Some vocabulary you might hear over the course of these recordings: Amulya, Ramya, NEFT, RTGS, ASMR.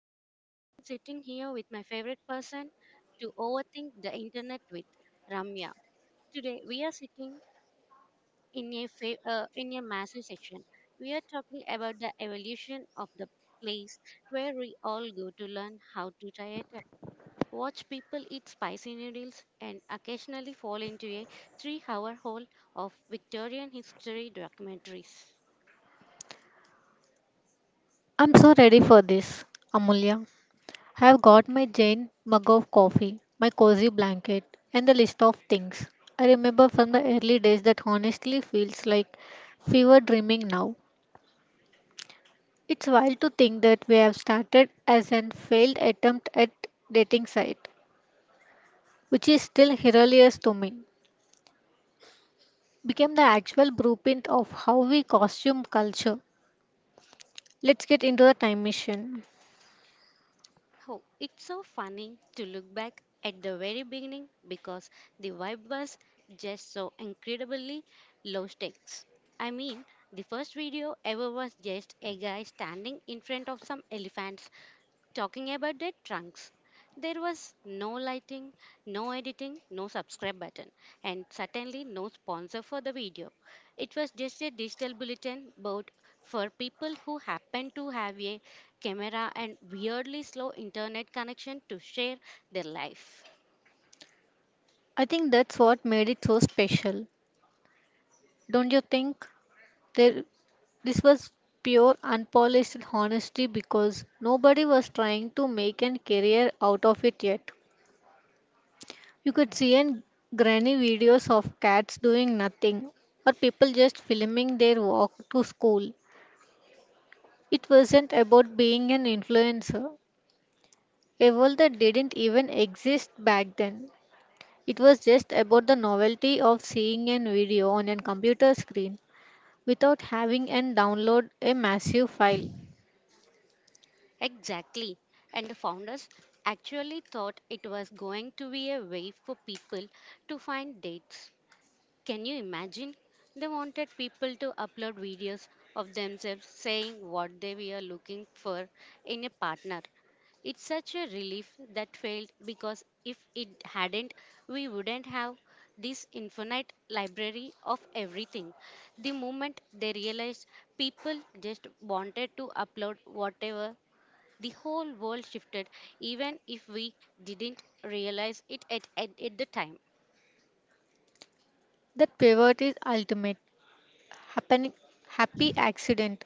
Amulya, and I'm sitting here with my favorite person to overthink the internet with, Ramya. Today, we are sitting in a massive section. We are talking about the evolution of the place where we all go to learn how to tie a tie, watch people eat spicy noodles, and occasionally fall into a three-hour hole of Victorian history documentaries. I'm so ready for this, Amulya. I have got my Jane mug of coffee, my cozy blanket, and the list of things I remember from the early days that honestly feels like fever dreaming now. It's wild to think that we have started as an failed attempt at dating site, which is still hilarious to me. Became the actual blueprint of how we costume culture. Let's get into the time machine. Oh, it's so funny to look back at the very beginning because the vibe was just so incredibly low stakes. I mean, the first video ever was just a guy standing in front of some elephants talking about their trunks. There was no lighting, no editing, no subscribe button, and certainly no sponsor for the video. It was just a digital bulletin board for people who happened to have a camera and weirdly slow internet connection to share their life. I think that's what made it so special, don't you think? There, this was pure, unpolished honesty because nobody was trying to make a career out of it yet. You could see in granny videos of cats doing nothing or people just filming their walk to school. It wasn't about being an influencer, a world that didn't even exist back then. It was just about the novelty of seeing a video on a computer screen without having and download a massive file. Exactly. And the founders actually thought it was going to be a way for people to find dates. Can you imagine? They wanted people to upload videos of themselves saying what they were looking for in a partner. It's such a relief that failed, because if it hadn't, we wouldn't have this infinite library of everything. The moment they realized people just wanted to upload whatever, the whole world shifted, even if we didn't realize it at the time. That pivot is ultimate. Happening Happy accident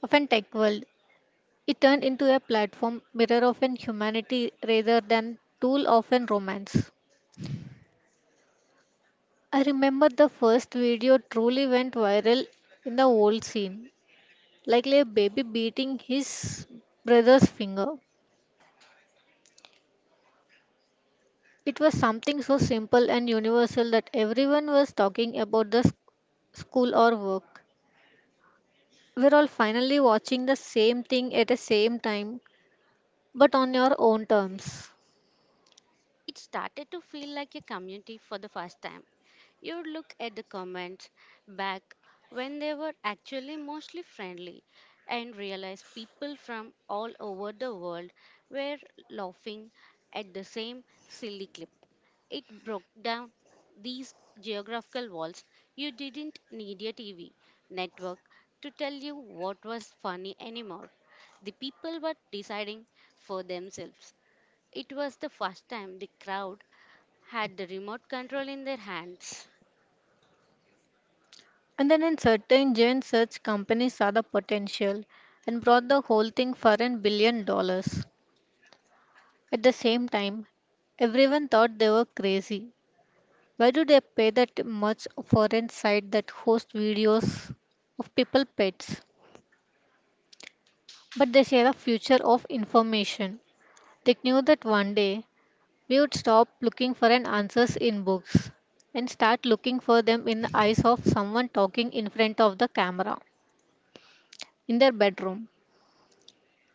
of an tech world. It turned into a platform mirror of an humanity rather than tool of an romance. I remember the first video truly went viral in the old scene, likely a baby beating his brother's finger. It was something so simple and universal that everyone was talking about school or work. We're all finally watching the same thing at the same time but on your own terms. It started to feel like a community for the first time. You would look at the comments back when they were actually mostly friendly and realize people from all over the world were laughing at the same silly clip. It broke down these geographical walls. You didn't need a TV network to tell you what was funny anymore. The people were deciding for themselves. It was the first time the crowd had the remote control in their hands. And then in certain giant such companies saw the potential and brought the whole thing for $1 billion. At the same time, everyone thought they were crazy. Why do they pay that much for a site that hosts videos of people pets? But they say the future of information. They knew that one day we would stop looking for an answers in books and start looking for them in the eyes of someone talking in front of the camera in their bedroom.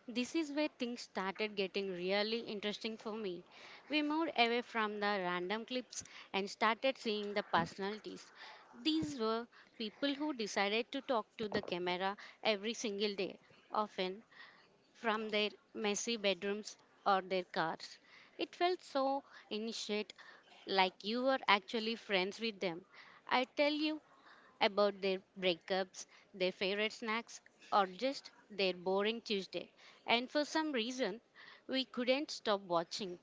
This is where things started getting really interesting for me. We moved away from the random clips and started seeing the personalities. These were people who decided to talk to the camera every single day, often from their messy bedrooms or their cars. It felt so initiate, like you were actually friends with them. I tell you, about their breakups, their favorite snacks, or just their boring Tuesday. And for some reason, we couldn't stop watching.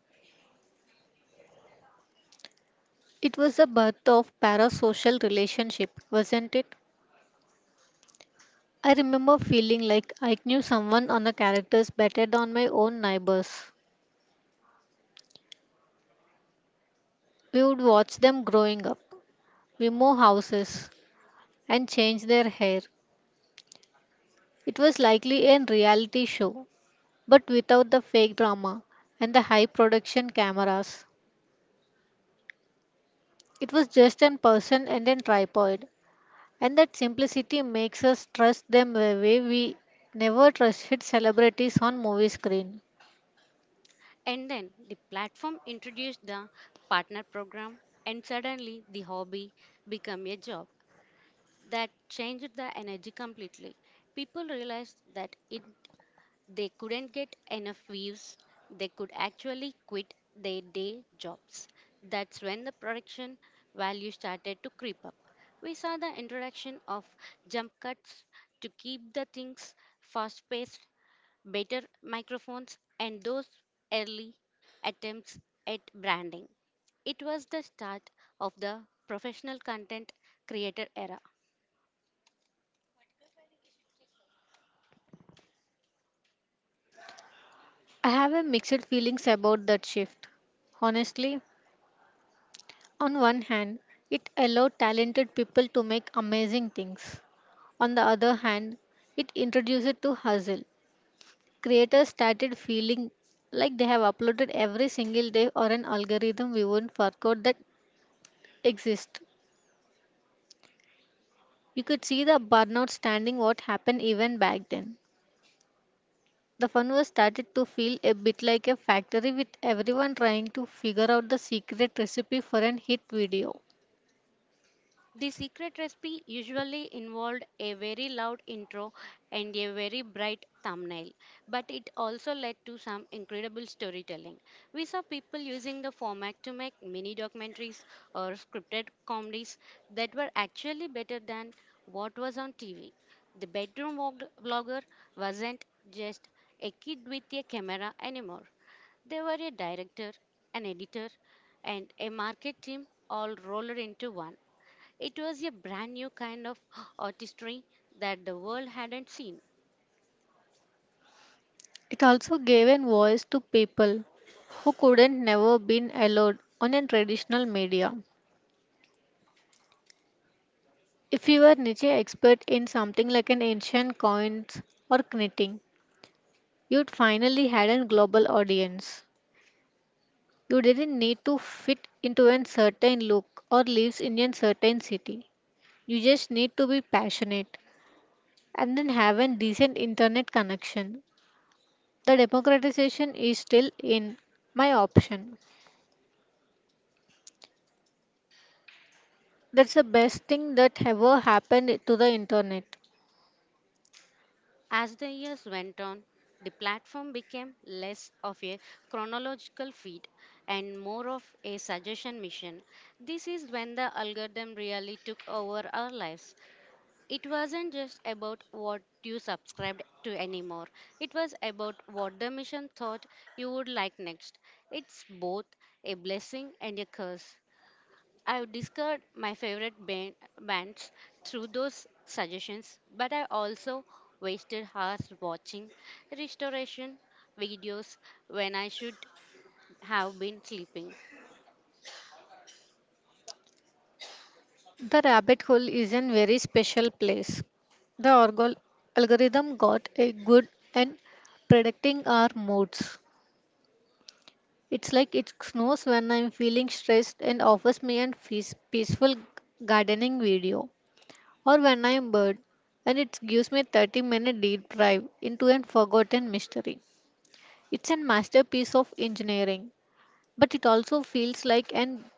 It was the birth of parasocial relationship, wasn't it? I remember feeling like I knew someone on the characters better than my own neighbors. We would watch them growing up. We move houses and change their hair. It was likely a reality show, but without the fake drama and the high production cameras. It was just a person and a tripod, and that simplicity makes us trust them the way we never trusted celebrities on movie screen. And then the platform introduced the partner program, and suddenly the hobby became a job. That changed the energy completely. People realized that it they couldn't get enough views. They could actually quit their day jobs. That's when the production value started to creep up. We saw the introduction of jump cuts to keep the things fast paced, better microphones, and those early attempts at branding. It was the start of the professional content creator era. I have a mixed feelings about that shift. Honestly, on one hand, it allowed talented people to make amazing things. On the other hand, it introduced it to hustle. Creators started feeling like they have uploaded every single day or an algorithm we wouldn't work out that exists. You could see the burnout standing what happened even back then. The fun was started to feel a bit like a factory with everyone trying to figure out the secret recipe for an hit video. The secret recipe usually involved a very loud intro and a very bright thumbnail, but it also led to some incredible storytelling. We saw people using the format to make mini documentaries or scripted comedies that were actually better than what was on TV. The vlogger wasn't just a kid with a camera anymore. They were a director, an editor, and a market team all rolled into one. It was a brand new kind of artistry that the world hadn't seen. It also gave a voice to people who couldn't never been allowed on a traditional media. If you were niche expert in something like an ancient coins or knitting, you'd finally had a global audience. You didn't need to fit into a certain look or lives in a certain city. You just need to be passionate and then have a decent internet connection. The democratization is still in my option. That's the best thing that ever happened to the internet. As the years went on, the platform became less of a chronological feed and more of a suggestion mission. This is when the algorithm really took over our lives. It wasn't just about what you subscribed to anymore, it was about what the mission thought you would like next. It's both a blessing and a curse. I've discovered my bands through those suggestions, but I also wasted hours watching restoration videos when I should have been sleeping. The rabbit hole is a very special place. The algorithm got a good and predicting our moods. It's like it knows when I'm feeling stressed and offers me a peaceful gardening video, or when I am bored, and it gives me a 30-minute deep dive into a forgotten mystery. It's a masterpiece of engineering, but it also feels like an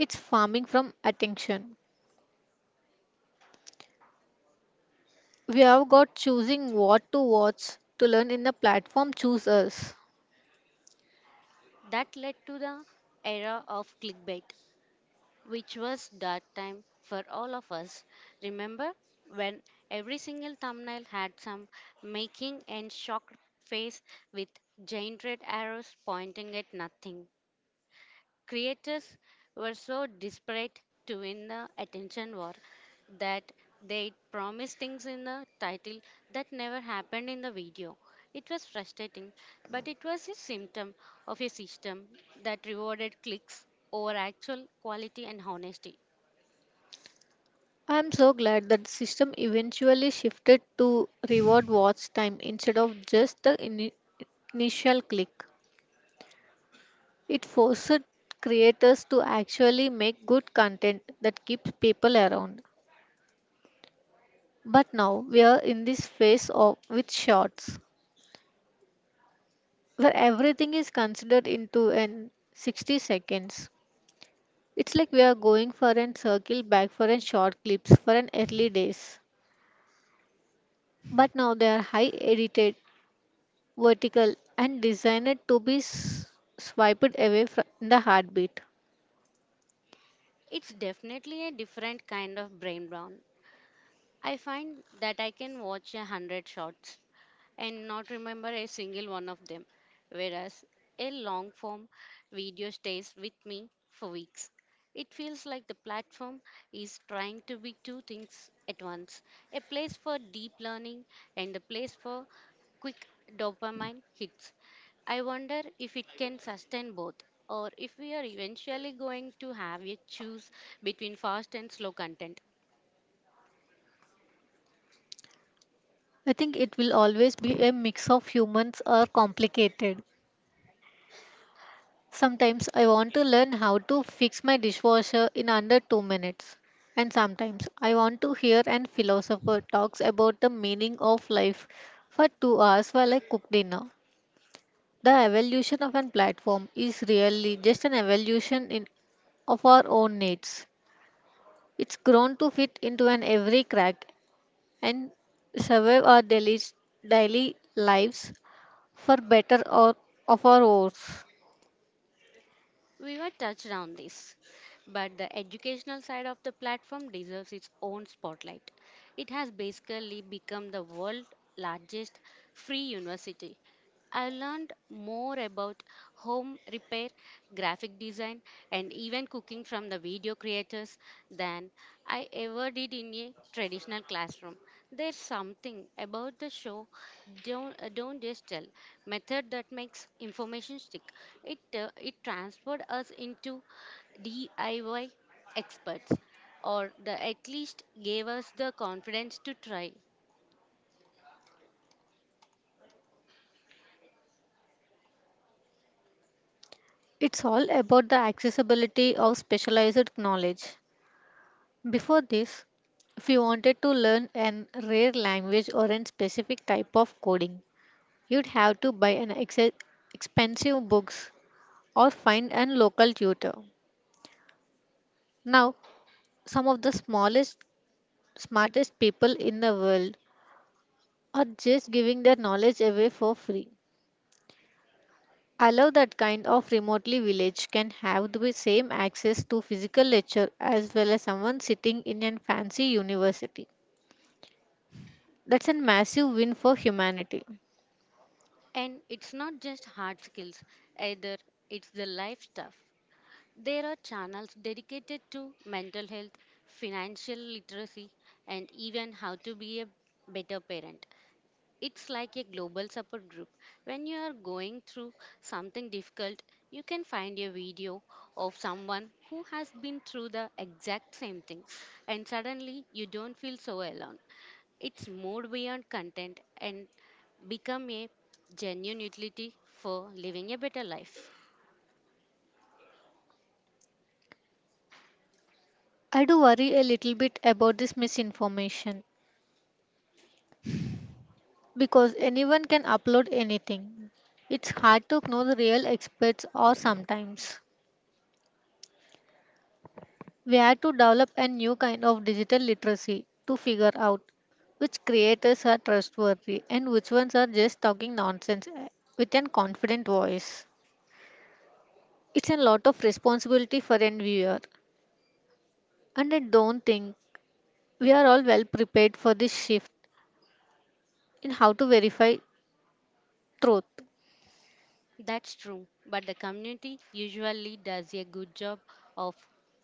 it's farming from attention. We have got choosing what to watch to learn in the platform choose us. That led to the era of clickbait, which was dark time for all of us. Remember when every single thumbnail had some making and shocked face with giant red arrows pointing at nothing? Creators were so desperate to win the attention war that they promised things in the title that never happened in the video. It was frustrating, but it was a symptom of a system that rewarded clicks over actual quality and honesty. I am so glad that the system eventually shifted to reward watch time instead of just the initial click. It forced creators to actually make good content that keeps people around. But now we are in this phase of with shorts where everything is considered into an 60 seconds. It's like we are going for an circle back for an short clips for an early days. But now they are high edited, vertical and designed to be swiped away from the heartbeat. It's definitely a different kind of brain brown. I find that I can watch a hundred shots and not remember a single one of them, whereas a long form video stays with me for weeks. It feels like the platform is trying to be two things at once: a place for deep learning and a place for quick dopamine hits. I wonder if it can sustain both or if we are eventually going to have a choose between fast and slow content. I think it will always be a mix of humans or complicated. Sometimes I want to learn how to fix my dishwasher in under 2 minutes. And sometimes I want to hear an philosopher talks about the meaning of life for 2 hours while I cook dinner. The evolution of an platform is really just an evolution in of our own needs. It's grown to fit into an every crack and survive our daily lives for better or of our worse. We were touched on this, but the educational side of the platform deserves its own spotlight. It has basically become the world's largest free university. I learned more about home repair, graphic design, and even cooking from the video creators than I ever did in a traditional classroom. There's something about the show, don't just tell, method that makes information stick. It it transferred us into DIY experts, or the, at least gave us the confidence to try. It's all about the accessibility of specialized knowledge. Before this, if you wanted to learn an rare language or a specific type of coding, you'd have to buy an expensive books or find a local tutor. Now, some of the smallest, smartest people in the world are just giving their knowledge away for free. I love that kind of remotely village can have the same access to physical lecture as well as someone sitting in a fancy university. That's a massive win for humanity. And it's not just hard skills either, it's the life stuff. There are channels dedicated to mental health, financial literacy, and even how to be a better parent. It's like a global support group. When you are going through something difficult, you can find a video of someone who has been through the exact same thing, and suddenly you don't feel so alone. It's moved beyond content and become a genuine utility for living a better life. I do worry a little bit about this misinformation because anyone can upload anything. It's hard to know the real experts or sometimes. We had to develop a new kind of digital literacy to figure out which creators are trustworthy and which ones are just talking nonsense eh, with an confident voice. It's a lot of responsibility for an viewer, and I don't think we are all well prepared for this shift in how to verify truth. That's true, but the community usually does a good job of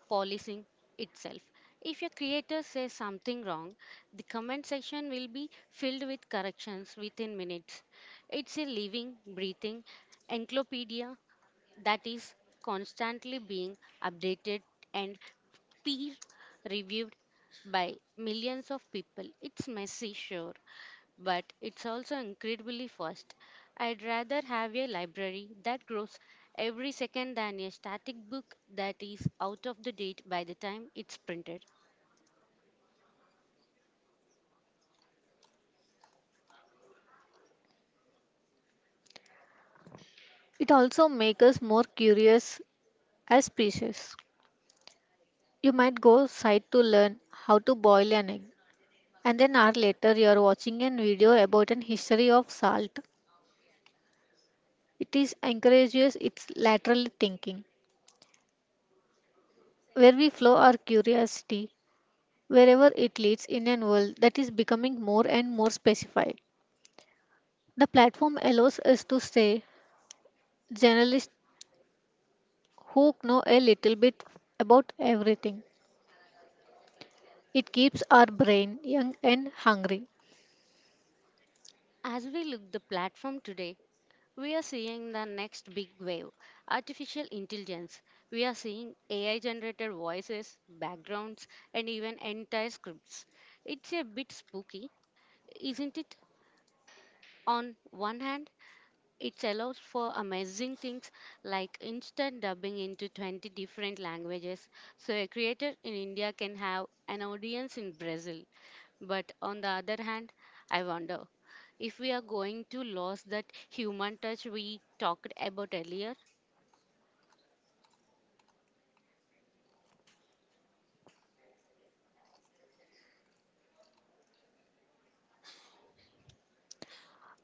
policing itself. If your creator says something wrong, the comment section will be filled with corrections within minutes. It's a living, breathing encyclopedia that is constantly being updated and peer reviewed by millions of people. It's messy, sure, but it's also incredibly fast. I'd rather have a library that grows every second than a static book that is out of the date by the time it's printed. It also makes us more curious as species. You might go site to learn how to boil an egg, and an hour later you are watching a video about an history of salt. It is encourages its lateral thinking, where we flow our curiosity wherever it leads in a world that is becoming more and more specified. The platform allows us to stay journalists who know a little bit about everything. It keeps our brain young and hungry. As we look the platform today, we are seeing the next big wave: artificial intelligence. We are seeing AI generated voices, backgrounds, and even entire scripts. It's a bit spooky, isn't it? On one hand, it allows for amazing things like instant dubbing into 20 different languages, so a creator in India can have an audience in Brazil. But on the other hand, I wonder if we are going to lose that human touch we talked about earlier.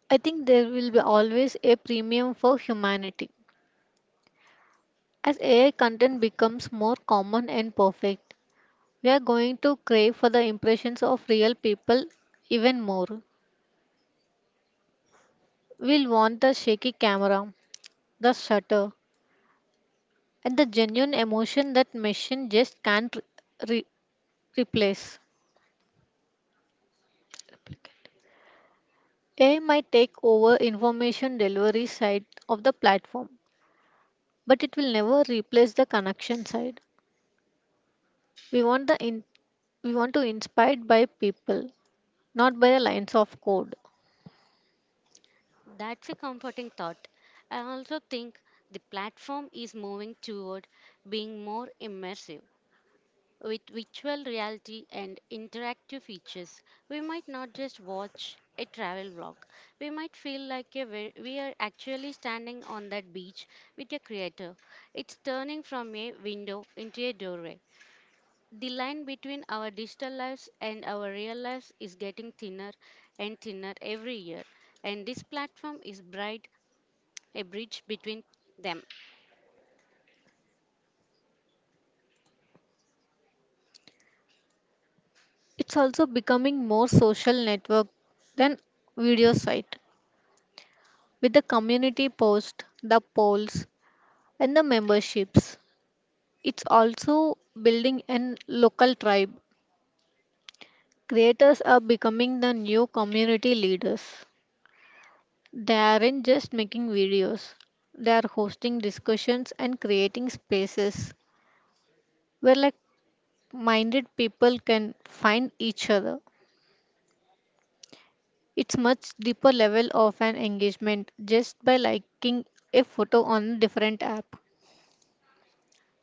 I think there will be always a premium for humanity. As AI content becomes more common and perfect, we are going to crave for the impressions of real people even more. We'll want the shaky camera, the shutter, and the genuine emotion that machine just can't re- replace. AI might take over information delivery side of the platform, but it will never replace the connection side. We want the in- we want to inspire by people, not by the lines of code. That's a comforting thought. I also think the platform is moving toward being more immersive. With virtual reality and interactive features, we might not just watch a travel vlog. We might feel like we are actually standing on that beach with a creator. It's turning from a window into a doorway. The line between our digital lives and our real lives is getting thinner and thinner every year, and this platform is bright a bridge between them. It's also becoming more social network than video site with the community post, the polls, and the memberships. It's also building an local tribe. Creators are becoming the new community leaders. They aren't just making videos, they are hosting discussions and creating spaces where like minded people can find each other. It's much deeper level of an engagement just by liking a photo on a different app.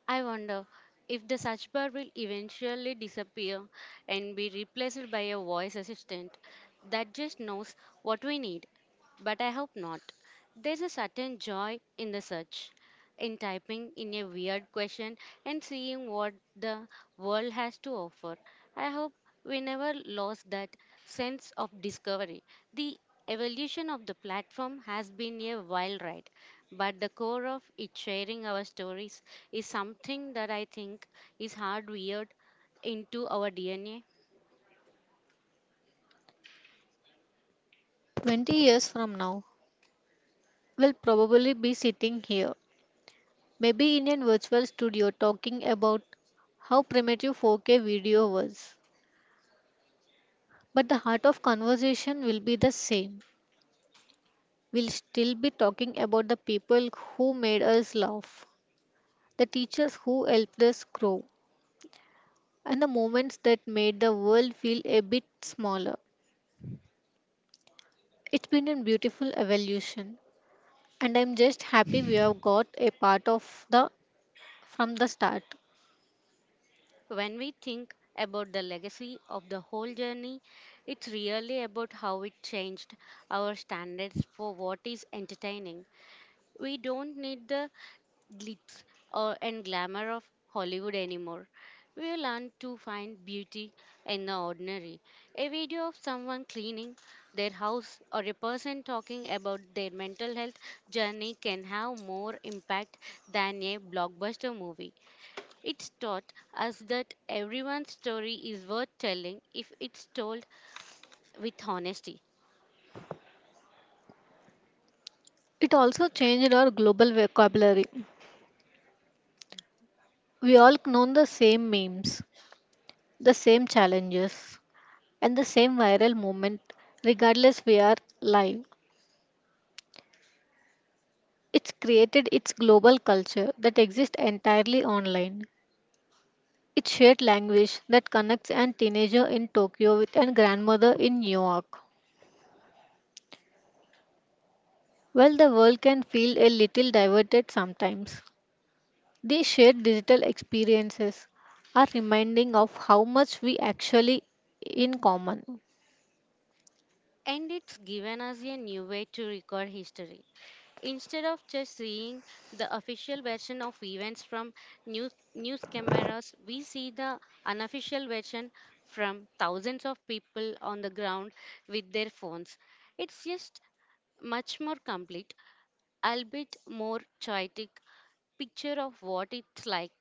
I wonder if the search bar will eventually disappear and be replaced by a voice assistant that just knows what we need. But I hope not. There's a certain joy in the search, in typing in a weird question and seeing what the world has to offer. I hope we never lost that sense of discovery. The evolution of the platform has been a wild ride. But the core of it, sharing our stories, is something that I think is hardwired into our DNA. 20 years from now, we'll probably be sitting here, maybe in a virtual studio talking about how primitive 4K video was. But the heart of conversation will be the same. We'll still be talking about the people who made us laugh, the teachers who helped us grow, and the moments that made the world feel a bit smaller. It's been a beautiful evolution, and I'm just happy we have got a part of the from the start. When we think about the legacy of the whole journey, it's really about how it changed our standards for what is entertaining. We don't need the glitz or, and glamour of Hollywood anymore. We learn to find beauty in the ordinary. A video of someone cleaning their house or a person talking about their mental health journey can have more impact than a blockbuster movie. It's taught us that everyone's story is worth telling if it's told with honesty. It also changed our global vocabulary. We all know the same memes, the same challenges and the same viral movement regardless we are live. It's created its global culture that exists entirely online, its shared language that connects an teenager in Tokyo with a grandmother in New York. While the world can feel a little diverted sometimes, these shared digital experiences are reminding of how much we actually in common. And it's given us a new way to record history. Instead of just seeing the official version of events from news cameras, we see the unofficial version from thousands of people on the ground with their phones. It's just much more complete, albeit more chaotic picture of what it's like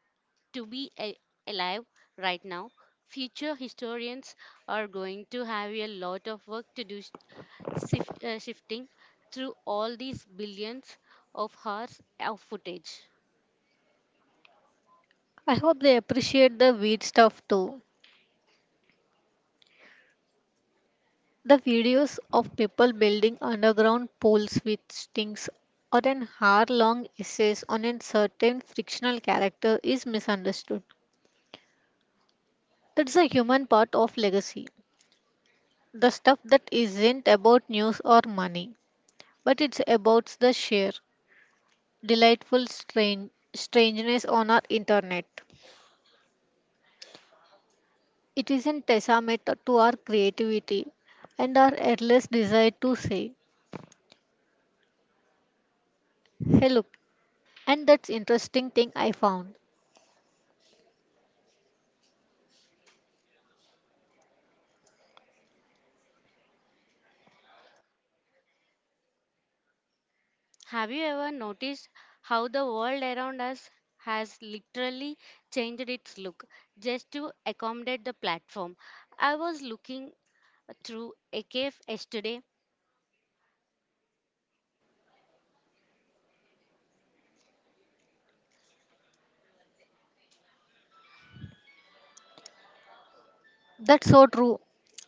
to alive right now. Future historians are going to have a lot of work to do shifting through all these billions of hours of footage. I hope they appreciate the weird stuff too. The videos of people building underground poles with sticks or an hour-long essays on a certain fictional character is misunderstood. That's a human part of legacy. The stuff that isn't about news or money, but it's about the sheer delightful strangeness on our internet. It is a testament to our creativity and our endless desire to say, "Hey, look!" And that's interesting thing I found. Have you ever noticed how the world around us has literally changed its look just to accommodate the platform? I was looking through a cave yesterday. That's so true,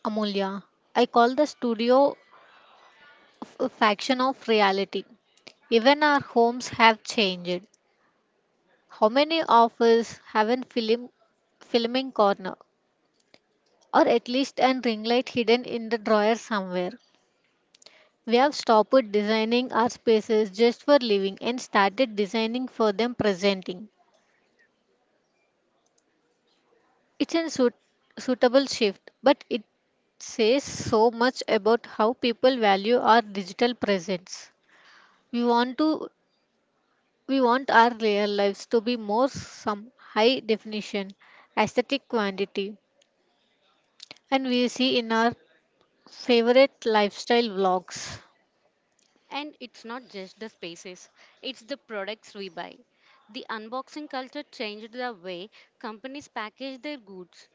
Amulya. I call the studio a faction of reality. Even our homes have changed. How many of us have a filming corner or at least a ring light hidden in the drawer somewhere? We have stopped designing our spaces just for living and started designing for them presenting. It's a suitable shift, but it says so much about how people value our digital presence. We want to we want our real lives to be more some high definition, aesthetic quantity, and we see in our favorite lifestyle vlogs. And it's not just the spaces, it's the products we buy. The unboxing culture changed the way companies package their goods.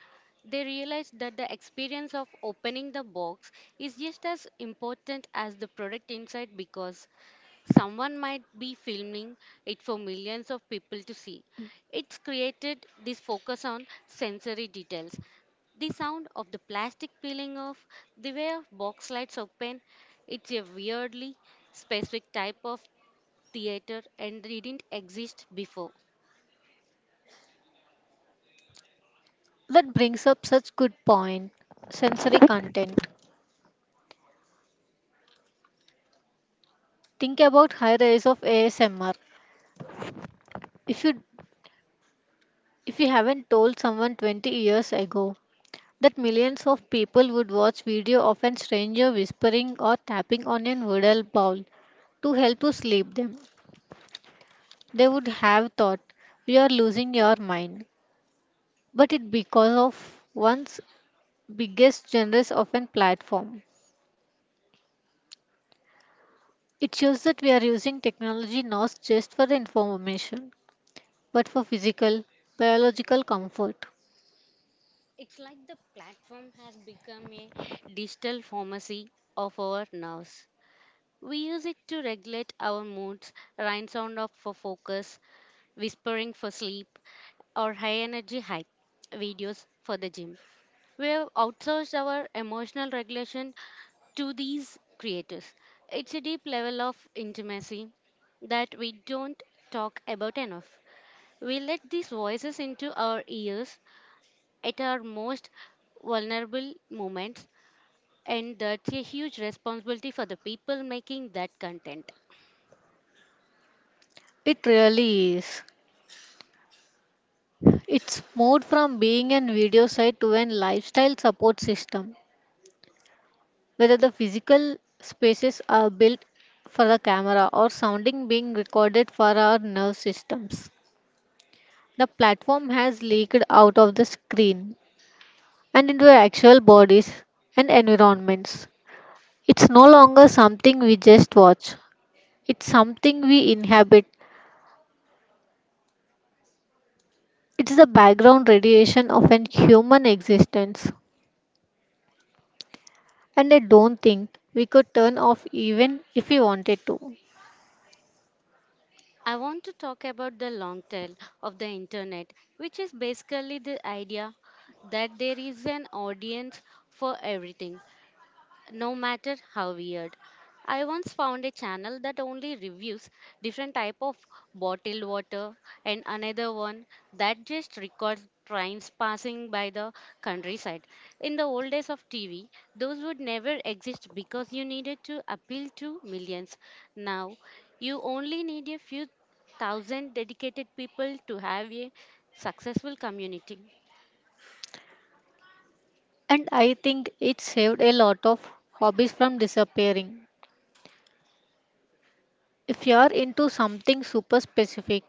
They realized that the experience of opening the box is just as important as the product inside, because someone might be filming it for millions of people to see. It's created this focus on sensory details. The sound of the plastic peeling off, the way of box lights open, it's a weirdly specific type of theater and didn't exist before. That brings up such good point. Sensory content. Think about high rise of ASMR. If you if you haven't told someone 20 years ago that millions of people would watch video of an stranger whispering or tapping on a noodle bowl to help to sleep them, they would have thought we are losing your mind. But it because of one's biggest generous of a platform. It shows that we are using technology not just for the information, but for physical, biological comfort. It's like the platform has become a digital pharmacy of our nerves. We use it to regulate our moods, rain sound off for focus, whispering for sleep, or high energy hype videos for the gym. We have outsourced our emotional regulation to these creators. It's a deep level of intimacy that we don't talk about enough. We let these voices into our ears at our most vulnerable moments, and that's a huge responsibility for the people making that content. It really is. It's moved from being an video site to a lifestyle support system, whether the physical spaces are built for the camera or sounding being recorded for our nerve systems. The platform has leaked out of the screen and into actual bodies and environments. It's no longer something we just watch, it's something we inhabit. It's the background radiation of an human existence. And I don't think we could turn off even if we wanted to. I want to talk about the long tail of the internet, which is basically the idea that there is an audience for everything no matter how weird. I once found a channel that only reviews different type of bottled water and another one that just records trains passing by the countryside. In the old days of TV, those would never exist because you needed to appeal to millions. Now, you only need a few thousand dedicated people to have a successful community. And I think it saved a lot of hobbies from disappearing. If you are into something super specific,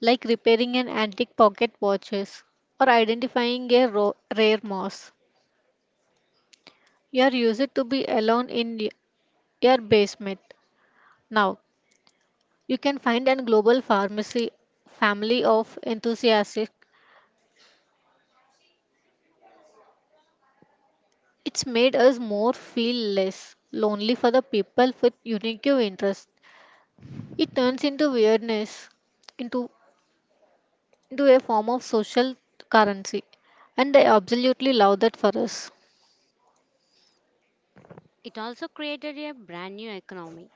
like repairing an antique pocket watches or identifying a rare moss. You are used to be alone in your basement. Now, you can find a global pharmacy family of enthusiasts. It's made us more feel less lonely for the people with unique interests. It turns into weirdness into into a form of social currency, and I absolutely love that for us. It also created a brand new economy.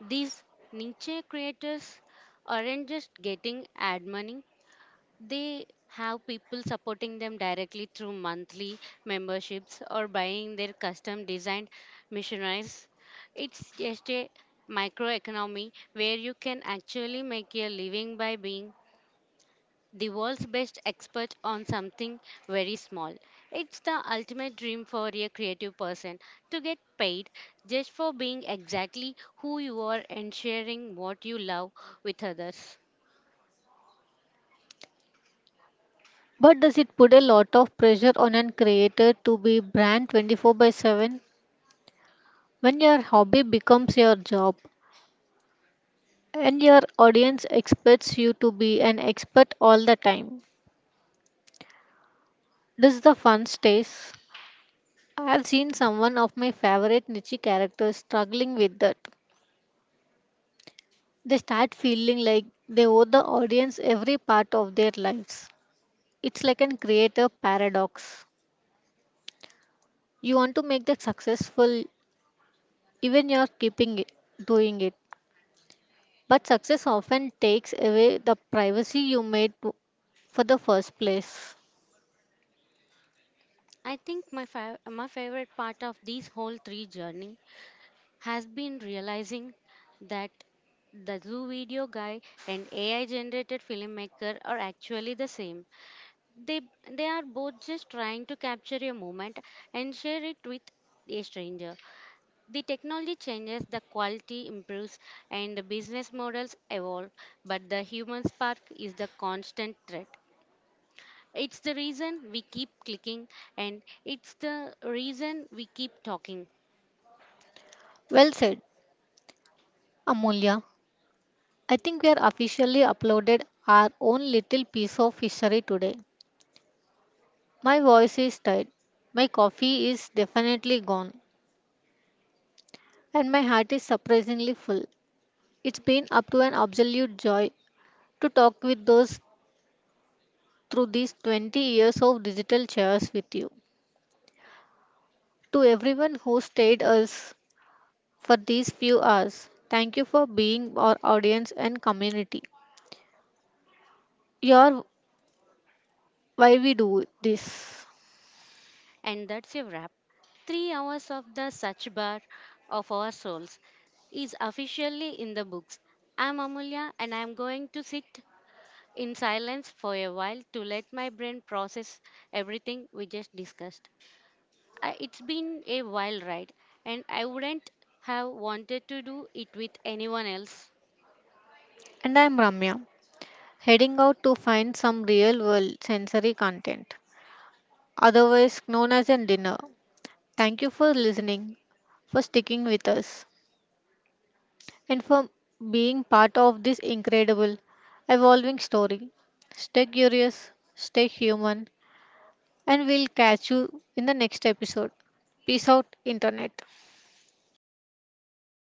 These niche creators aren't just getting ad money, they have people supporting them directly through monthly memberships or buying their custom designed missionaries. It's just a microeconomy where you can actually make your living by being the world's best expert on something very small. It's the ultimate dream for a creative person to get paid just for being exactly who you are and sharing what you love with others. But does it put a lot of pressure on a creator to be brand 24/7? When your hobby becomes your job and your audience expects you to be an expert all the time, does the fun stays? I've seen someone of my favorite niche characters struggling with that. They start feeling like they owe the audience every part of their lives. It's like a creator paradox. You want to make that successful even you're keeping it, doing it. But success often takes away the privacy you for the first place. I think my favorite part of this whole three journey has been realizing that the zoo video guy and AI generated filmmaker are actually the same. They they are both just trying to capture a moment and share it with a stranger. The technology changes, the quality improves, and the business models evolve, but the human spark is the constant threat. It's the reason we keep clicking, and it's the reason we keep talking. Well said, Amulya. I think we are officially uploaded our own little piece of history today. My voice is tired, my coffee is definitely gone, and my heart is surprisingly full. It's been up to an absolute joy to talk with those through these 20 years of digital chairs with you. To everyone who stayed us for these few hours. Thank you for being our audience and community. You're why we do this. And that's a wrap. 3 hours of the Sach Bar of our souls is officially in the books. I'm Amulya, and I'm going to sit in silence for a while to let my brain process everything we just discussed. I, it's been a wild ride, and I wouldn't have wanted to do it with anyone else. And I'm Ramya, heading out to find some real world sensory content, otherwise known as a dinner. Thank you for listening, for sticking with us, and for being part of this incredible, evolving story. Stay curious, stay human, and we'll catch you in the next episode. Peace out, Internet.